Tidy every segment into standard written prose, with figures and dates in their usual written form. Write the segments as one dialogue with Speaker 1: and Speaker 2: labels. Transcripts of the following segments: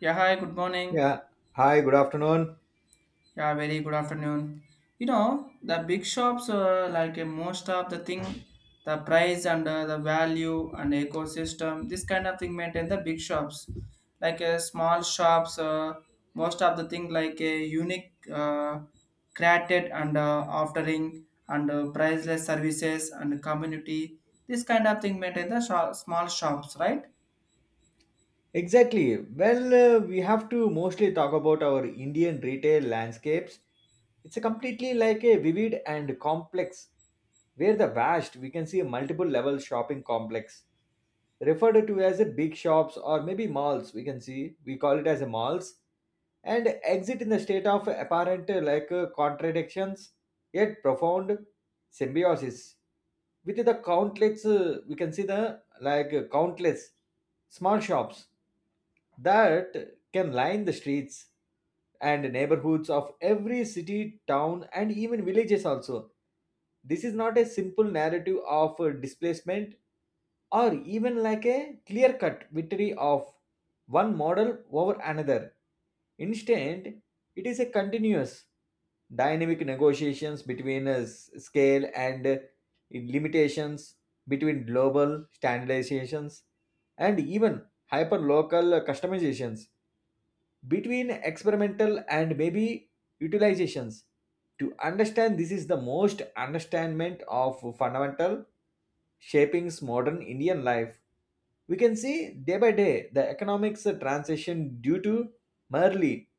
Speaker 1: Yeah, hi, good morning.
Speaker 2: Yeah. Hi, good afternoon.
Speaker 1: Yeah, very good afternoon. You know, the big shops, like most of the thing, the price and the value and ecosystem, this kind of thing maintain the big shops. Like small shops, most of the thing like a unique created and offering and priceless services and community, this kind of thing maintain the small shops, right?
Speaker 2: Exactly. We have to mostly talk about our Indian retail landscapes. It's a completely like a vivid and complex, where the vast we can see a multiple level shopping complex referred to as a big shops or maybe malls. We can see we call it as a malls and exit in the state of apparent contradictions yet profound symbiosis with the countless we can see the countless small shops that can line the streets and neighborhoods of every city, town, and even villages also. This is not a simple narrative of displacement or even like a clear cut victory of one model over another. Instead, it is a continuous dynamic negotiations between us scale and limitations between global standardizations and even hyper-local customizations between experimental and maybe utilizations. To understand this is the most understandment of fundamental shapings modern Indian life. We can see day by day the economics transition due to merely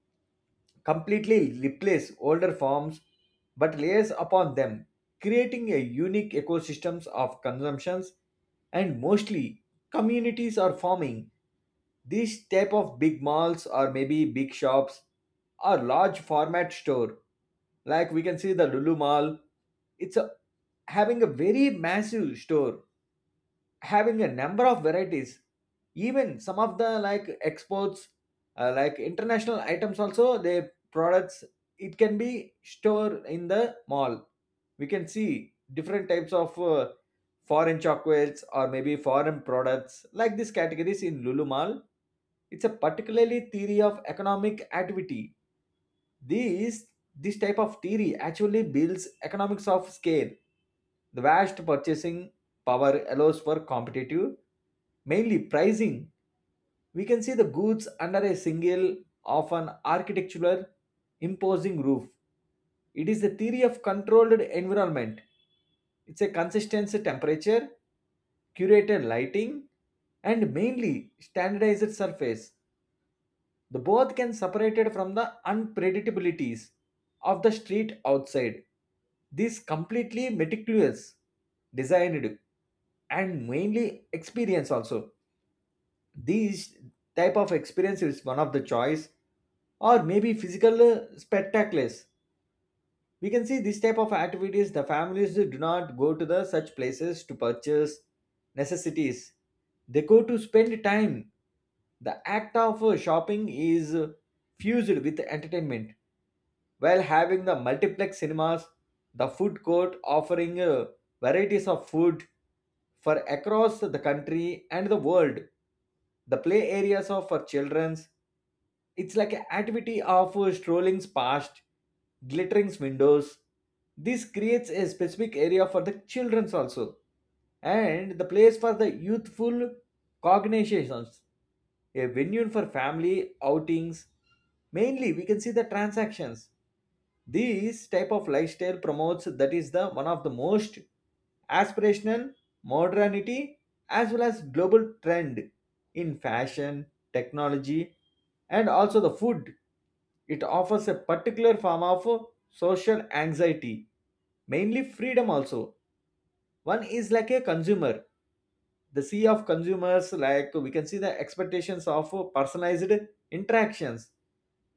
Speaker 2: completely replace older forms but layers upon them, creating a unique ecosystems of consumptions and mostly communities are forming. These type of big malls or maybe big shops or large format store like we can see the Lulu Mall. It's a, having a very massive store having a number of varieties even some of the like exports like international items also their products it can be stored in the mall. We can see different types of foreign chocolates or maybe foreign products like these categories in Lulu Mall. It's a particularly theory of economic activity. These, this type of theory actually builds economics of scale. The vast purchasing power allows for competitive, mainly pricing. We can see the goods under a single, often architectural, imposing roof. It is the theory of controlled environment. It's a consistent temperature, curated lighting, and mainly standardized surface. The both can separated from the unpredictabilities of the street outside. This completely meticulous, designed, and mainly experience also. These type of experience is one of the choice or maybe physical spectacles. We can see this type of activities the families do not go to the such places to purchase necessities. They go to spend time. The act of shopping is fused with entertainment while having the multiplex cinemas, the food court offering varieties of food for across the country and the world, the play areas of for children. It's like an activity of strolling past, glittering windows. This creates a specific area for the children's also, and the place for the youthful cognitions, a venue for family outings. Mainly, we can see the transactions. This type of lifestyle promotes that is the one of the most aspirational modernity as well as global trend in fashion, technology, and also the food. It offers a particular form of social anxiety, mainly freedom also. One is like a consumer, the sea of consumers like we can see the expectations of personalized interactions,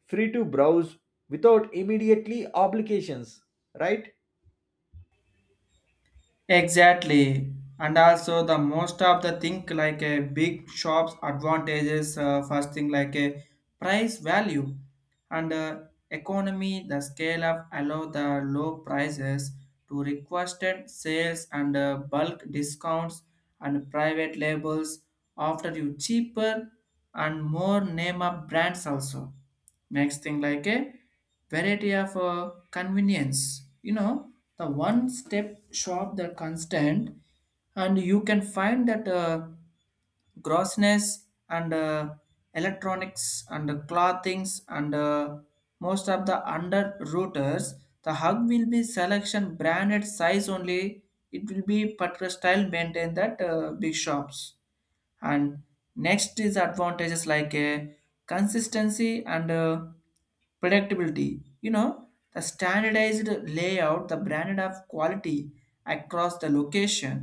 Speaker 2: free to browse without immediately obligations, right?
Speaker 1: Exactly. And also the most of the thing like a big shop's advantages, first thing like a price value and economy the scale up allow the low prices to requested sales and bulk discounts and private labels after you cheaper and more name up brands also makes thing like a variety of convenience, you know, the one step shop that constant and you can find that grossness and electronics and clothings and most of the under routers, the hug will be selection branded size only. It will be particular style maintained that big shops. And next is advantages like consistency and predictability, you know, the standardized layout, the branded of quality across the location.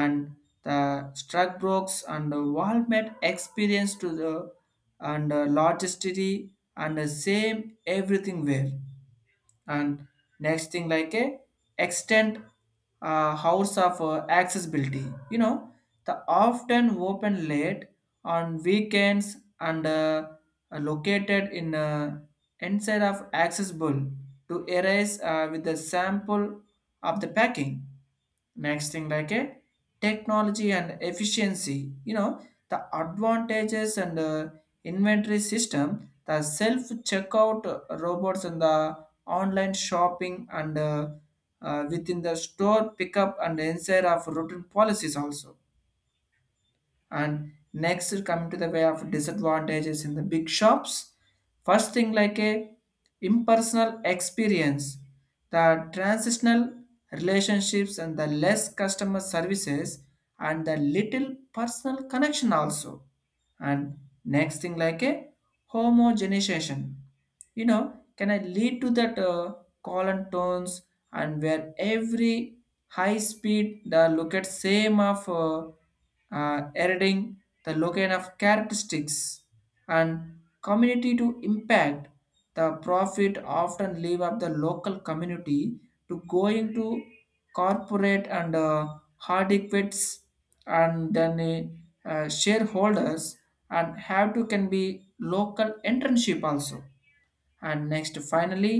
Speaker 1: And the struck brokes and the wall met experience to the and logisticity and the same everything well. And next thing like a extend hours of accessibility, you know, the often open late on weekends and are located in inside of accessible to areas with the sample of the packing. Next thing like a technology and efficiency, you know, the advantages and inventory system, the self checkout robots and the online shopping and within the store pickup and inside of routine policies also. And next is coming to the way of disadvantages in the big shops. First thing like a impersonal experience, the transitional relationships and the less customer services and the little personal connection also. And next thing like a homogenization, you know, can I lead to that call and tones, and where every high speed the locate same of editing the locate of characteristics and community to impact the profit often leave up the local community to going to corporate and hard equities and then shareholders and have to can be local internship also. And next finally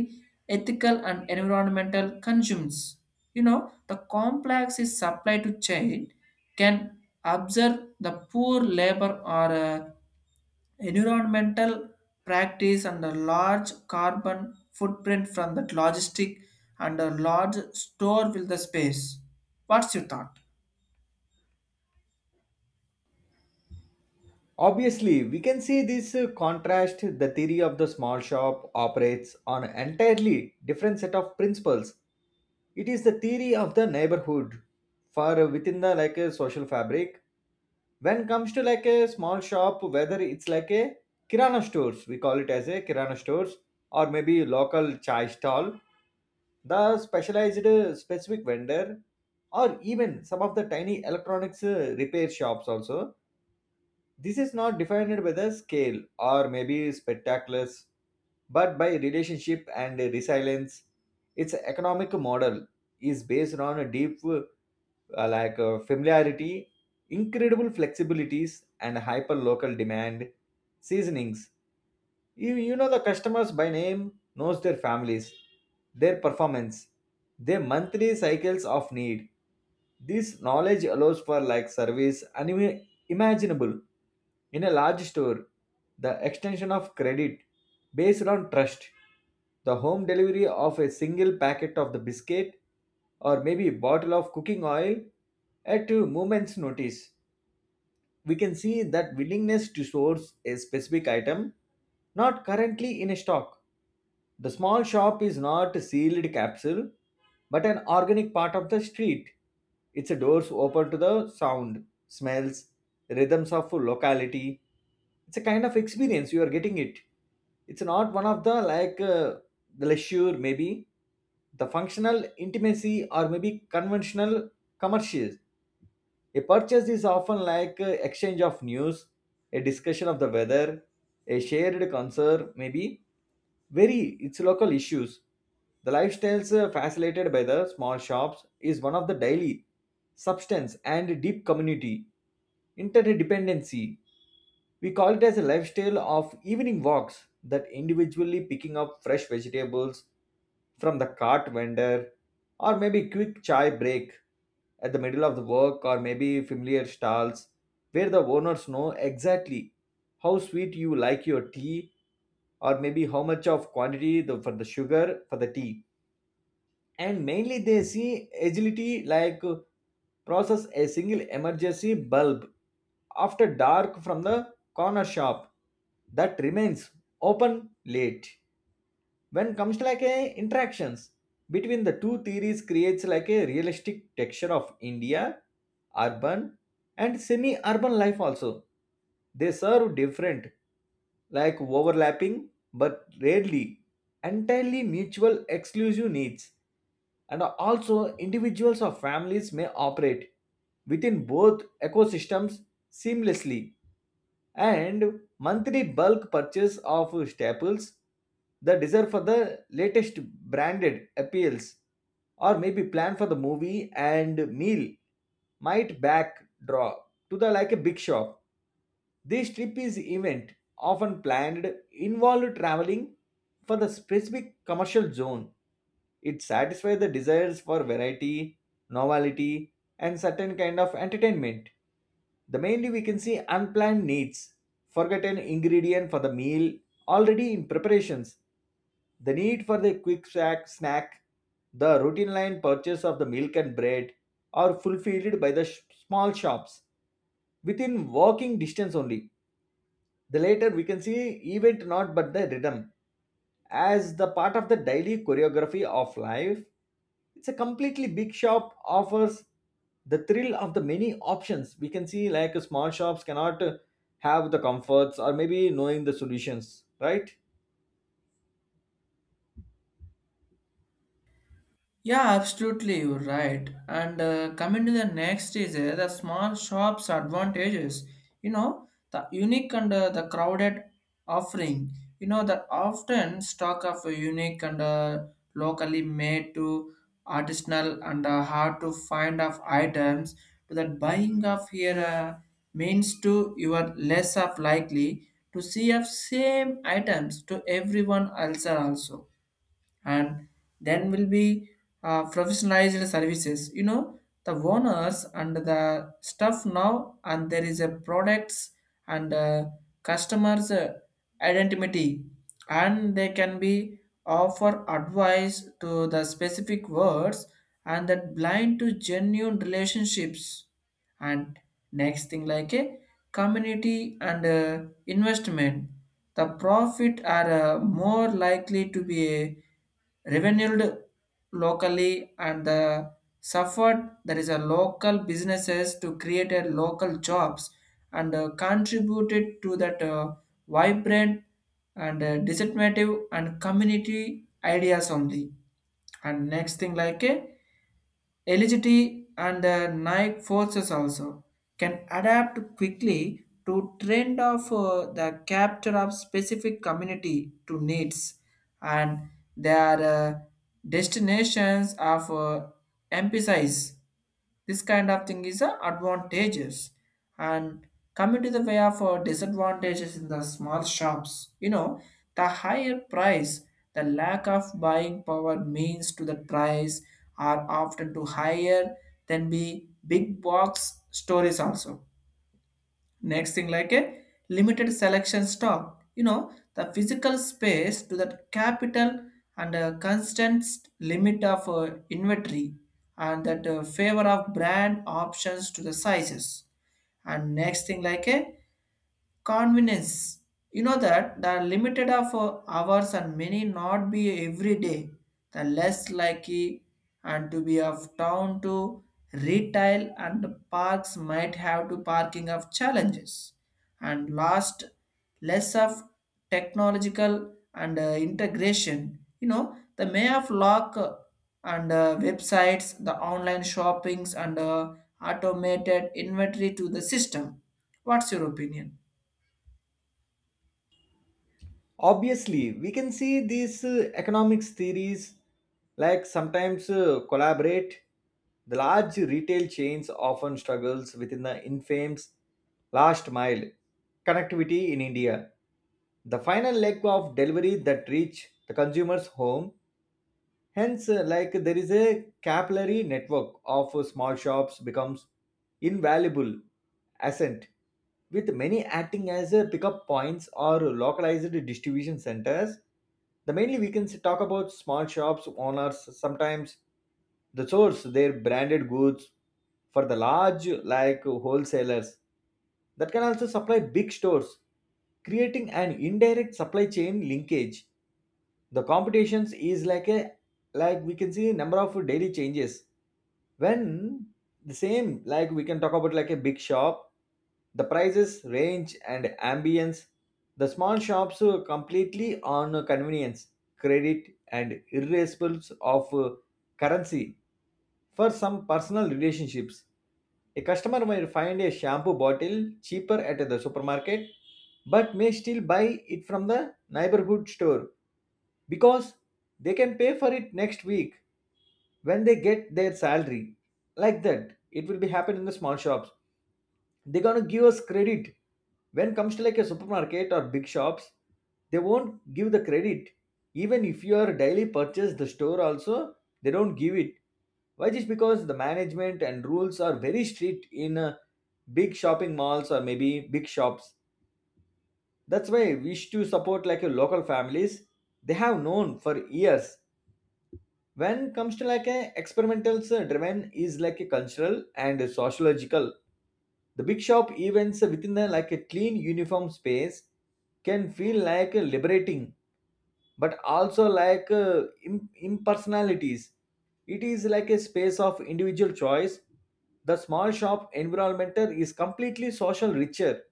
Speaker 1: ethical and environmental consumes, you know, the complex is supply to chain can observe the poor labor or environmental practice and a large carbon footprint from the logistic and a large store with the space. What's your thought?
Speaker 2: Obviously, we can see this contrast. The theory of the small shop operates on an entirely different set of principles. It is the theory of the neighborhood, for within the like a social fabric. When comes to like a small shop, whether it's like a kirana stores, we call it as a kirana stores or maybe local chai stall, the specialized specific vendor, or even some of the tiny electronics repair shops also. This is not defined by the scale or maybe spectaculars, but by relationship and resilience. Its economic model is based on a deep familiarity, incredible flexibilities, and hyper local demand seasonings. You know the customers by name, knows their families, their performance, their monthly cycles of need. This knowledge allows for like service unimaginable in a large store, the extension of credit based on trust, the home delivery of a single packet of the biscuit or maybe bottle of cooking oil at a moment's notice. We can see that willingness to source a specific item not currently in stock. The small shop is not a sealed capsule, but an organic part of the street. Its doors open to the sound, smells, rhythms of locality. It's a kind of experience you are getting it. It's not one of the leisure, maybe the functional intimacy or maybe conventional commercials. A purchase is often like exchange of news, a discussion of the weather, a shared concern, maybe very its local issues. The lifestyles facilitated by the small shops is one of the daily substance and deep community interdependency. We call it as a lifestyle of evening walks that individually picking up fresh vegetables from the cart vendor or maybe quick chai break at the middle of the work, or maybe familiar stalls where the owners know exactly how sweet you like your tea, or maybe how much of quantity the, for the sugar for the tea. And mainly they see agility like process a single emergency bulb after dark from the corner shop that remains open late. When comes to like a interactions between the two theories, creates like a realistic texture of India urban and semi urban life also. They serve different like overlapping but rarely entirely mutual exclusive needs, and also individuals or families may operate within both ecosystems seamlessly. And monthly bulk purchase of staples, the desire for the latest branded appeals, or maybe plan for the movie and meal, might backdraw to the like a big shop. This trip is event often planned involved traveling for the specific commercial zone. It satisfies the desires for variety, novelty, and certain kind of entertainment. The mainly we can see unplanned needs, forgotten ingredient for the meal already in preparations, the need for the quick snack, the routine line purchase of the milk and bread are fulfilled by the small shops within walking distance only. The later we can see event not but the rhythm as the part of the daily choreography of life. It's a completely big shop offers the thrill of the many options. We can see like small shops cannot have the comforts or maybe knowing the solutions, right?
Speaker 1: Yeah, absolutely, you're right. And coming to the next is the small shops advantages. You know, the unique and the crowded offering. You know, that often stock of a unique and locally made to artisanal and hard to find of items to that buying of here means to you are less of likely to see of same items to everyone else also. And then will be professionalized services, you know, the owners and the stuff now and there is a products and customers identity and they can be offer advice to the specific words and that blind to genuine relationships. And next thing like a community and investment, the profit are more likely to be a revenued locally and the suffered there is a local businesses to create a local jobs and contributed to that vibrant and disseminative and community ideas only. And next thing like a electricity and the night forces also can adapt quickly to trend of the capture of specific community to needs and their destinations of emphasis, this kind of thing is advantages. And coming to the way of disadvantages in the small shops, you know, the higher price, the lack of buying power means to the price are often too higher than the big box stores also. Next thing, like a limited selection stock, you know, the physical space to that capital and a constant limit of inventory and that favor of brand options to the sizes. And next thing, like a convenience, you know that the limited of hours and many not be every day, the less likely and to be of town to retail and parks might have to parking of challenges. And last less of technological and integration, you know, the may of lock and websites, the online shoppings and automated inventory to the system. What's your opinion?
Speaker 2: Obviously, we can see these economics theories like sometimes collaborate. The large retail chains often struggles within the infamous last mile connectivity in India. The final leg of delivery that reach the consumer's home, hence like there is a capillary network of small shops becomes invaluable asset, with many acting as pickup points or localized distribution centers. The mainly we can talk about small shops owners sometimes the source their branded goods for the large like wholesalers that can also supply big stores, creating an indirect supply chain linkage. The competitions is like a like we can see number of daily changes. When the same like we can talk about like a big shop, the prices range and ambience, the small shops completely on convenience, credit and irresponsibles of currency for some personal relationships. A customer might find a shampoo bottle cheaper at the supermarket, but may still buy it from the neighborhood store because they can pay for it next week when they get their salary. Like that it will be happen in the small shops. They're going to give us credit. When comes to like a supermarket or big shops, they won't give the credit even if you are daily purchase the store also. They don't give it. Why? Just because the management and rules are very strict in big shopping malls or maybe big shops. That's why we wish to support like your local families they have known for years. When comes to like a experimental's driven is like a cultural and sociological, the big shop events within the like a clean uniform space can feel like liberating, but also like impersonalities. It is like a space of individual choice. The small shop environment is completely social richer,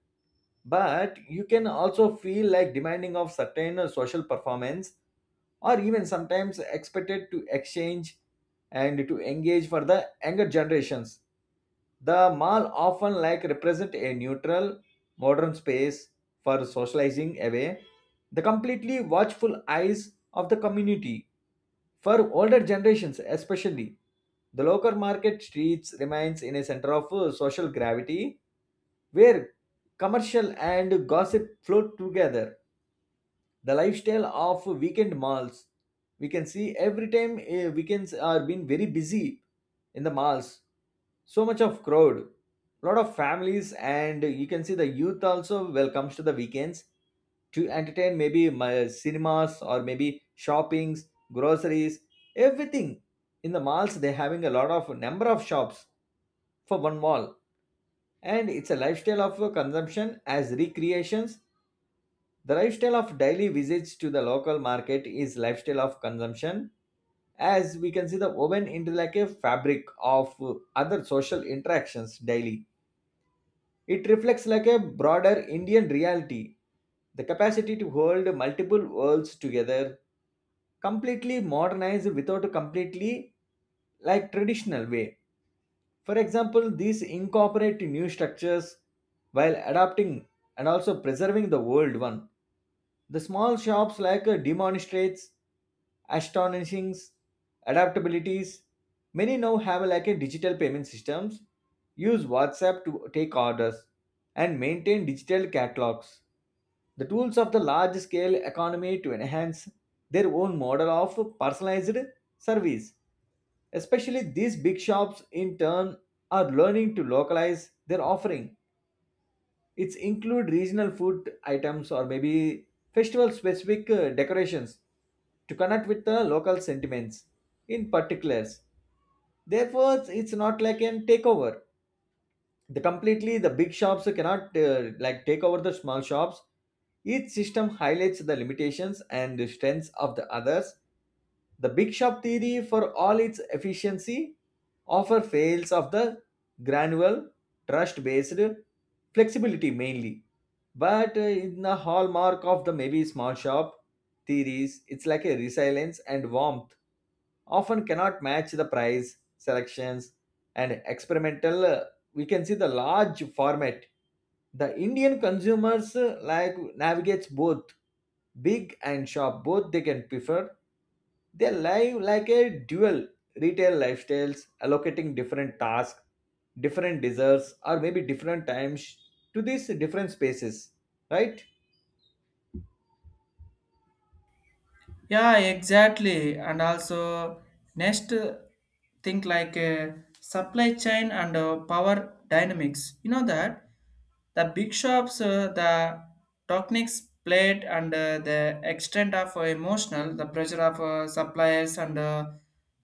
Speaker 2: but you can also feel like demanding of certain social performance or even sometimes expected to exchange and to engage for the younger generations. The mall often like represent a neutral modern space for socializing away the completely watchful eyes of the community. For older generations especially, the local market streets remains in a center of social gravity where commercial and gossip flow together. The lifestyle of weekend malls, we can see every time weekends are being very busy in the malls, so much of crowd, lot of families, and you can see the youth also welcomes to the weekends to entertain maybe my cinemas or maybe shoppings, groceries, everything. In the malls they're having a lot of number of shops for one mall, and it's a lifestyle of consumption as recreations. The lifestyle of daily visits to the local market is lifestyle of consumption, as we can see the woven into like a fabric of other social interactions daily. It reflects like a broader Indian reality, the capacity to hold multiple worlds together, completely modernized without completely like traditional way. For example, these incorporate new structures while adapting and also preserving the old one. The small shops like demonstrates astonishing adaptabilities. Many now have like a digital payment systems, use WhatsApp to take orders, and maintain digital catalogs. The tools of the large scale economy to enhance their own model of personalized service. Especially these big shops in turn are learning to localize their offering, it's include regional food items or maybe festival specific decorations to connect with the local sentiments in particulars. Therefore, it's not like an takeover. The completely the big shops cannot like take over the small shops. Each system highlights the limitations and the strengths of the others. The big shop theory, for all its efficiency, offer fails of the granular, trust based flexibility mainly. But in the hallmark of the maybe small shop theories, it's like a resilience and warmth often cannot match the price, selections, and experimental. We can see the large format. The Indian consumers like navigates both big and shop both they can prefer, they live like a dual retail lifestyles, allocating different tasks, different desires, or maybe different times to these different spaces, right?
Speaker 1: Yeah, exactly. And also, next thing like supply chain and power dynamics. You know that the big shops, the techniques played and the extent of emotional, the pressure of suppliers and uh,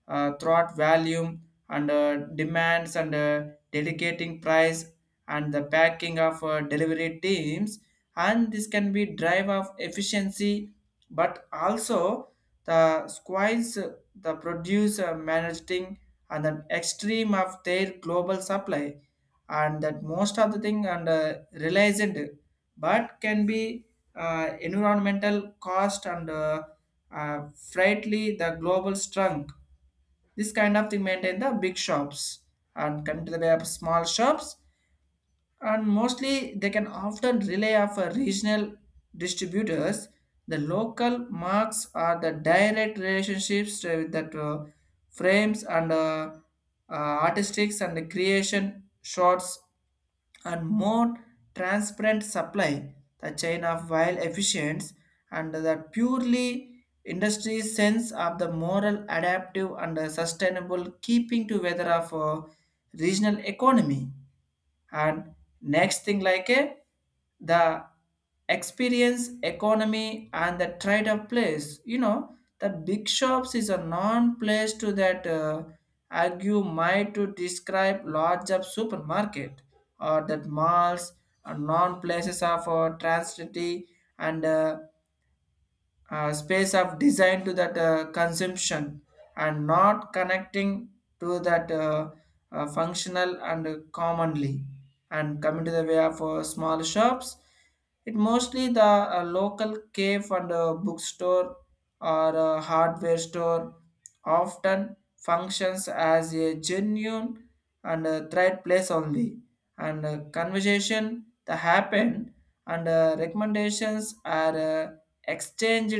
Speaker 1: uh, throughout volume and demands and delegating price and the packing of delivery teams, and this can be drive of efficiency, but also the squirrels the produce managing and an extreme of their global supply, and that most of the thing and realized but can be environmental cost and frightly the global strength, this kind of thing maintain the big shops. And come to the way of small shops, and mostly they can often rely of a regional distributors, the local marks are the direct relationships with that frames and artistics and the creation shots and more transparent supply the chain of while efficient, and the purely industry sense of the moral adaptive and sustainable keeping together of regional economy. And next thing like a the experience economy and the trade of place, you know, the big shops is a non place to that argue might to describe large of supermarket or that malls are non places of transity and space of design to that consumption and not connecting to that functional and commonly. And coming to the way of small shops, it mostly the local cave and bookstore or hardware store often functions as a genuine and thread place only, and conversation that happen and recommendations are exchanged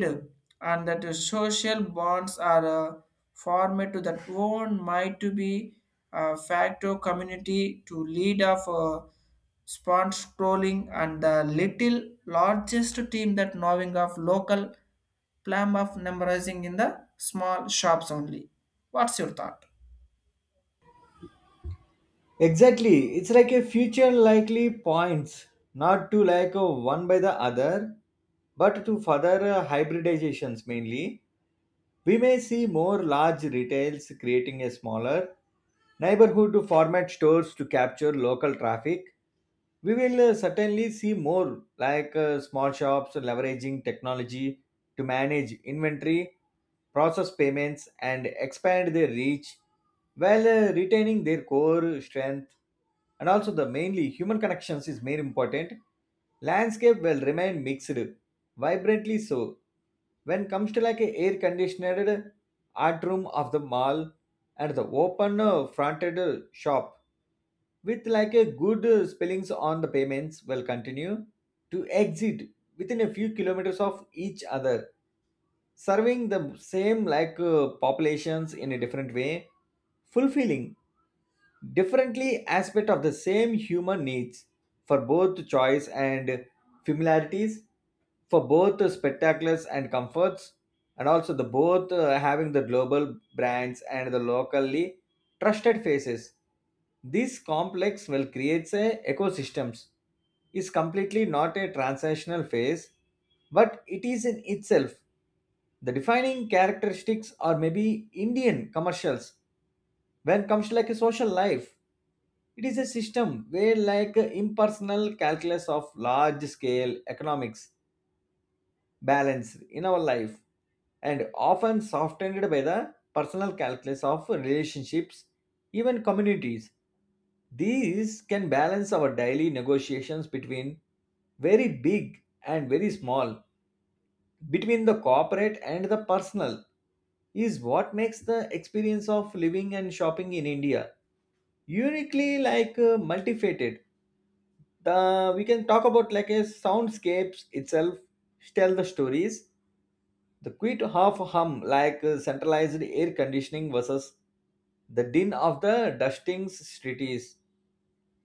Speaker 1: and that the social bonds are formed to that own might to be a factor community to lead of sponge trolling and the little largest team that knowing of local plan of memorizing in the small shops only. What's your thought?
Speaker 2: Exactly. It's like a future likely points, not to like one by the other, but to further hybridizations mainly. We may see more large retails creating a smaller neighborhood format stores to capture local traffic. We will certainly see more like small shops leveraging technology to manage inventory, process payments, and expand their reach while retaining their core strength, and also the mainly human connections is very important. Landscape will remain mixed. Vibrantly so. When comes to like a air conditioned art room of the mall and the open fronted shop with like a good spellings on the payments will continue to exit within a few kilometers of each other, serving the same like populations in a different way, fulfilling differently aspect of the same human needs for both choice and familiarities, for both the spectaculars and comforts, and also the both having the global brands and the locally trusted faces. This complex will creates a ecosystems is completely not a transactional phase, but it is in itself the defining characteristics are maybe indian commercials. When it comes to like a social life, it is a system where, like impersonal calculus of large scale economics, balanced in our life and often softened by the personal calculus of relationships, even communities. These can balance our daily negotiations between very big and very small, between the corporate and the personal, is what makes the experience of living and shopping in India uniquely like multifaceted. The we can talk about like a soundscapes itself tell the stories, the quit half hum like centralized air conditioning versus the din of the dusting cities,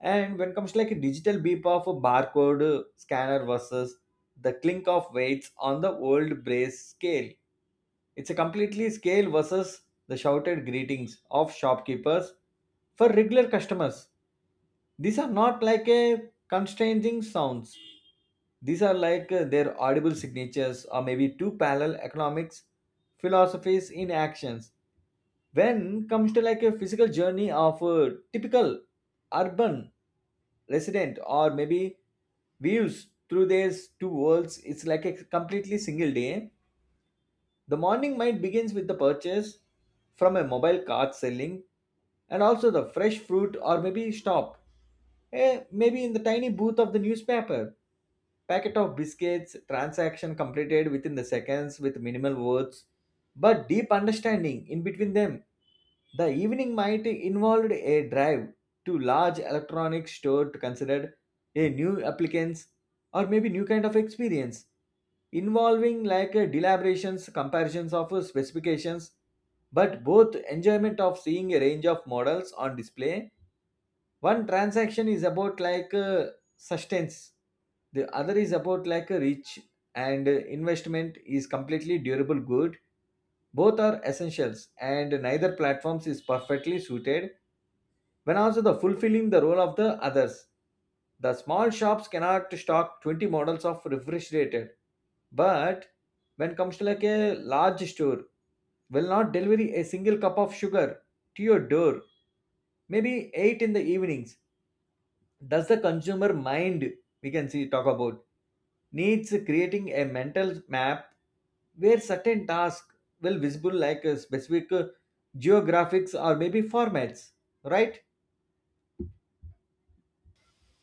Speaker 2: and when it comes to like a digital beep of a barcode scanner versus the clink of weights on the old brace scale. It's a completely scale versus the shouted greetings of shopkeepers for regular customers. These are not like a constraining sounds, these are like their audible signatures or maybe two parallel economics philosophies in actions. When comes to like a physical journey of a typical urban resident or maybe views through these two worlds, it's like a completely single day. The morning might begins with the purchase from a mobile cart selling and also the fresh fruit or maybe stop maybe in the tiny booth of the newspaper. Packet of biscuits, transaction completed within the seconds with minimal words, but deep understanding in between them. The evening might involved a drive to large electronics store to consider a new applicants or maybe new kind of experience involving like deliberations, comparisons of specifications, but both enjoyment of seeing a range of models on display. One transaction is about like sustenance, the other is about like a reach and investment is completely durable good. Both are essentials and neither platforms is perfectly suited when also the fulfilling the role of the others. The small shops cannot stock 20 models of refrigerated, but when comes to like a large store, will not deliver a single cup of sugar to your door, maybe 8 in the evenings. Does the consumer mind? We can see talk about needs creating a mental map where certain tasks will visible like a specific geographics or maybe formats, right?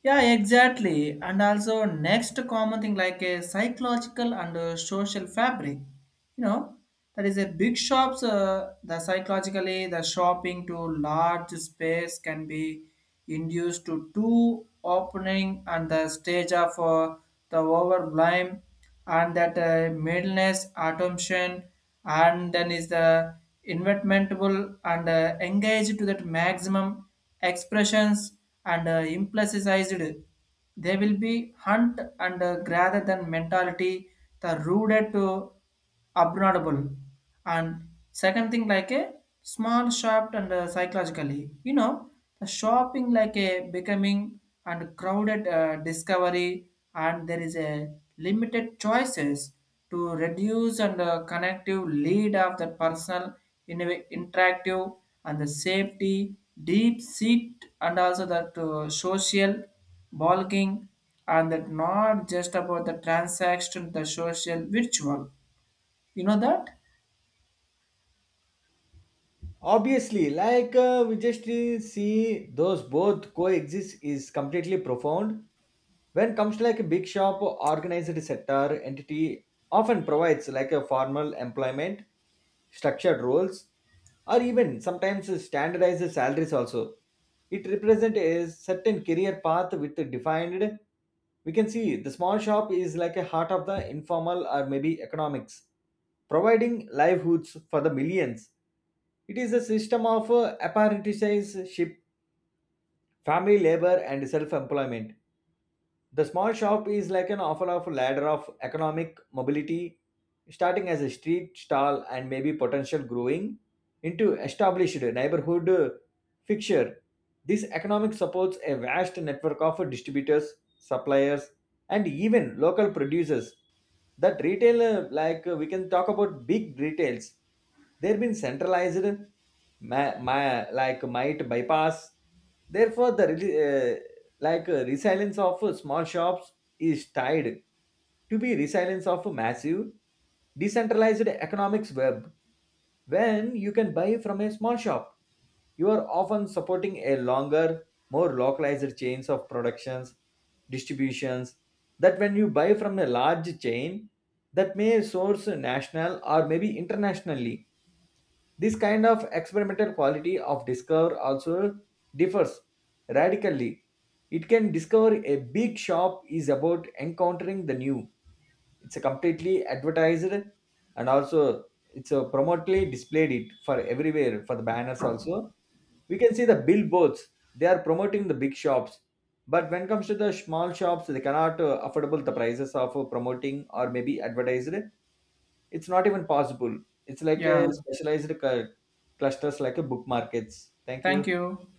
Speaker 1: Yeah, exactly. And also, next common thing like a psychological and social fabric. You know, that is a big shops. The psychologically, the shopping to large space can be induced to two opening and the stage of the overblame and that maintenance automation, and then is the inventable and engaged to that maximum expressions and implicitized, they will be hunt and rather than mentality the rooted to abnormal. And second thing like a small shop and psychologically, you know, the shopping like a becoming and crowded discovery and there is a limited choices to reduce and connective lead of the personal in a way interactive and the safety deep seat and also that social bulking and that not just about the transaction, the social virtual, you know that?
Speaker 2: Obviously like we just see those both coexist is completely profound. When comes like a big shop, organized sector entity often provides like a formal employment, structured roles, or even sometimes standardized salaries also. It represents a certain career path with a defined. We can see the small shop is like a heart of the informal or maybe economics, providing livelihoods for the millions. It is a system of apprenticeship, family labor, and self employment. The small shop is like an offer of ladder of economic mobility, starting as a street stall and maybe potential growing into established neighborhood fixture. This economic supports a vast network of distributors, suppliers, and even local producers. That retail, we can talk about big retails, they've been centralized, like might bypass. Therefore, the resilience of small shops is tied to be resilience of a massive decentralized economics web. When you can buy from a small shop, you are often supporting a longer, more localized chains of productions, distributions. That when you buy from a large chain, that may source national or maybe internationally. This kind of experimental quality of discover also differs radically. It can discover a big shop is about encountering the new. It's a completely advertised and also it's a prominently displayed it for everywhere for the banners also. We can see the billboards. They are promoting the big shops. But when it comes to the small shops, they cannot affordable the prices of promoting or maybe advertised, it's not even possible, it's like a
Speaker 1: Yeah.
Speaker 2: specialized clusters like a book markets. Thank you.
Speaker 1: Thank you.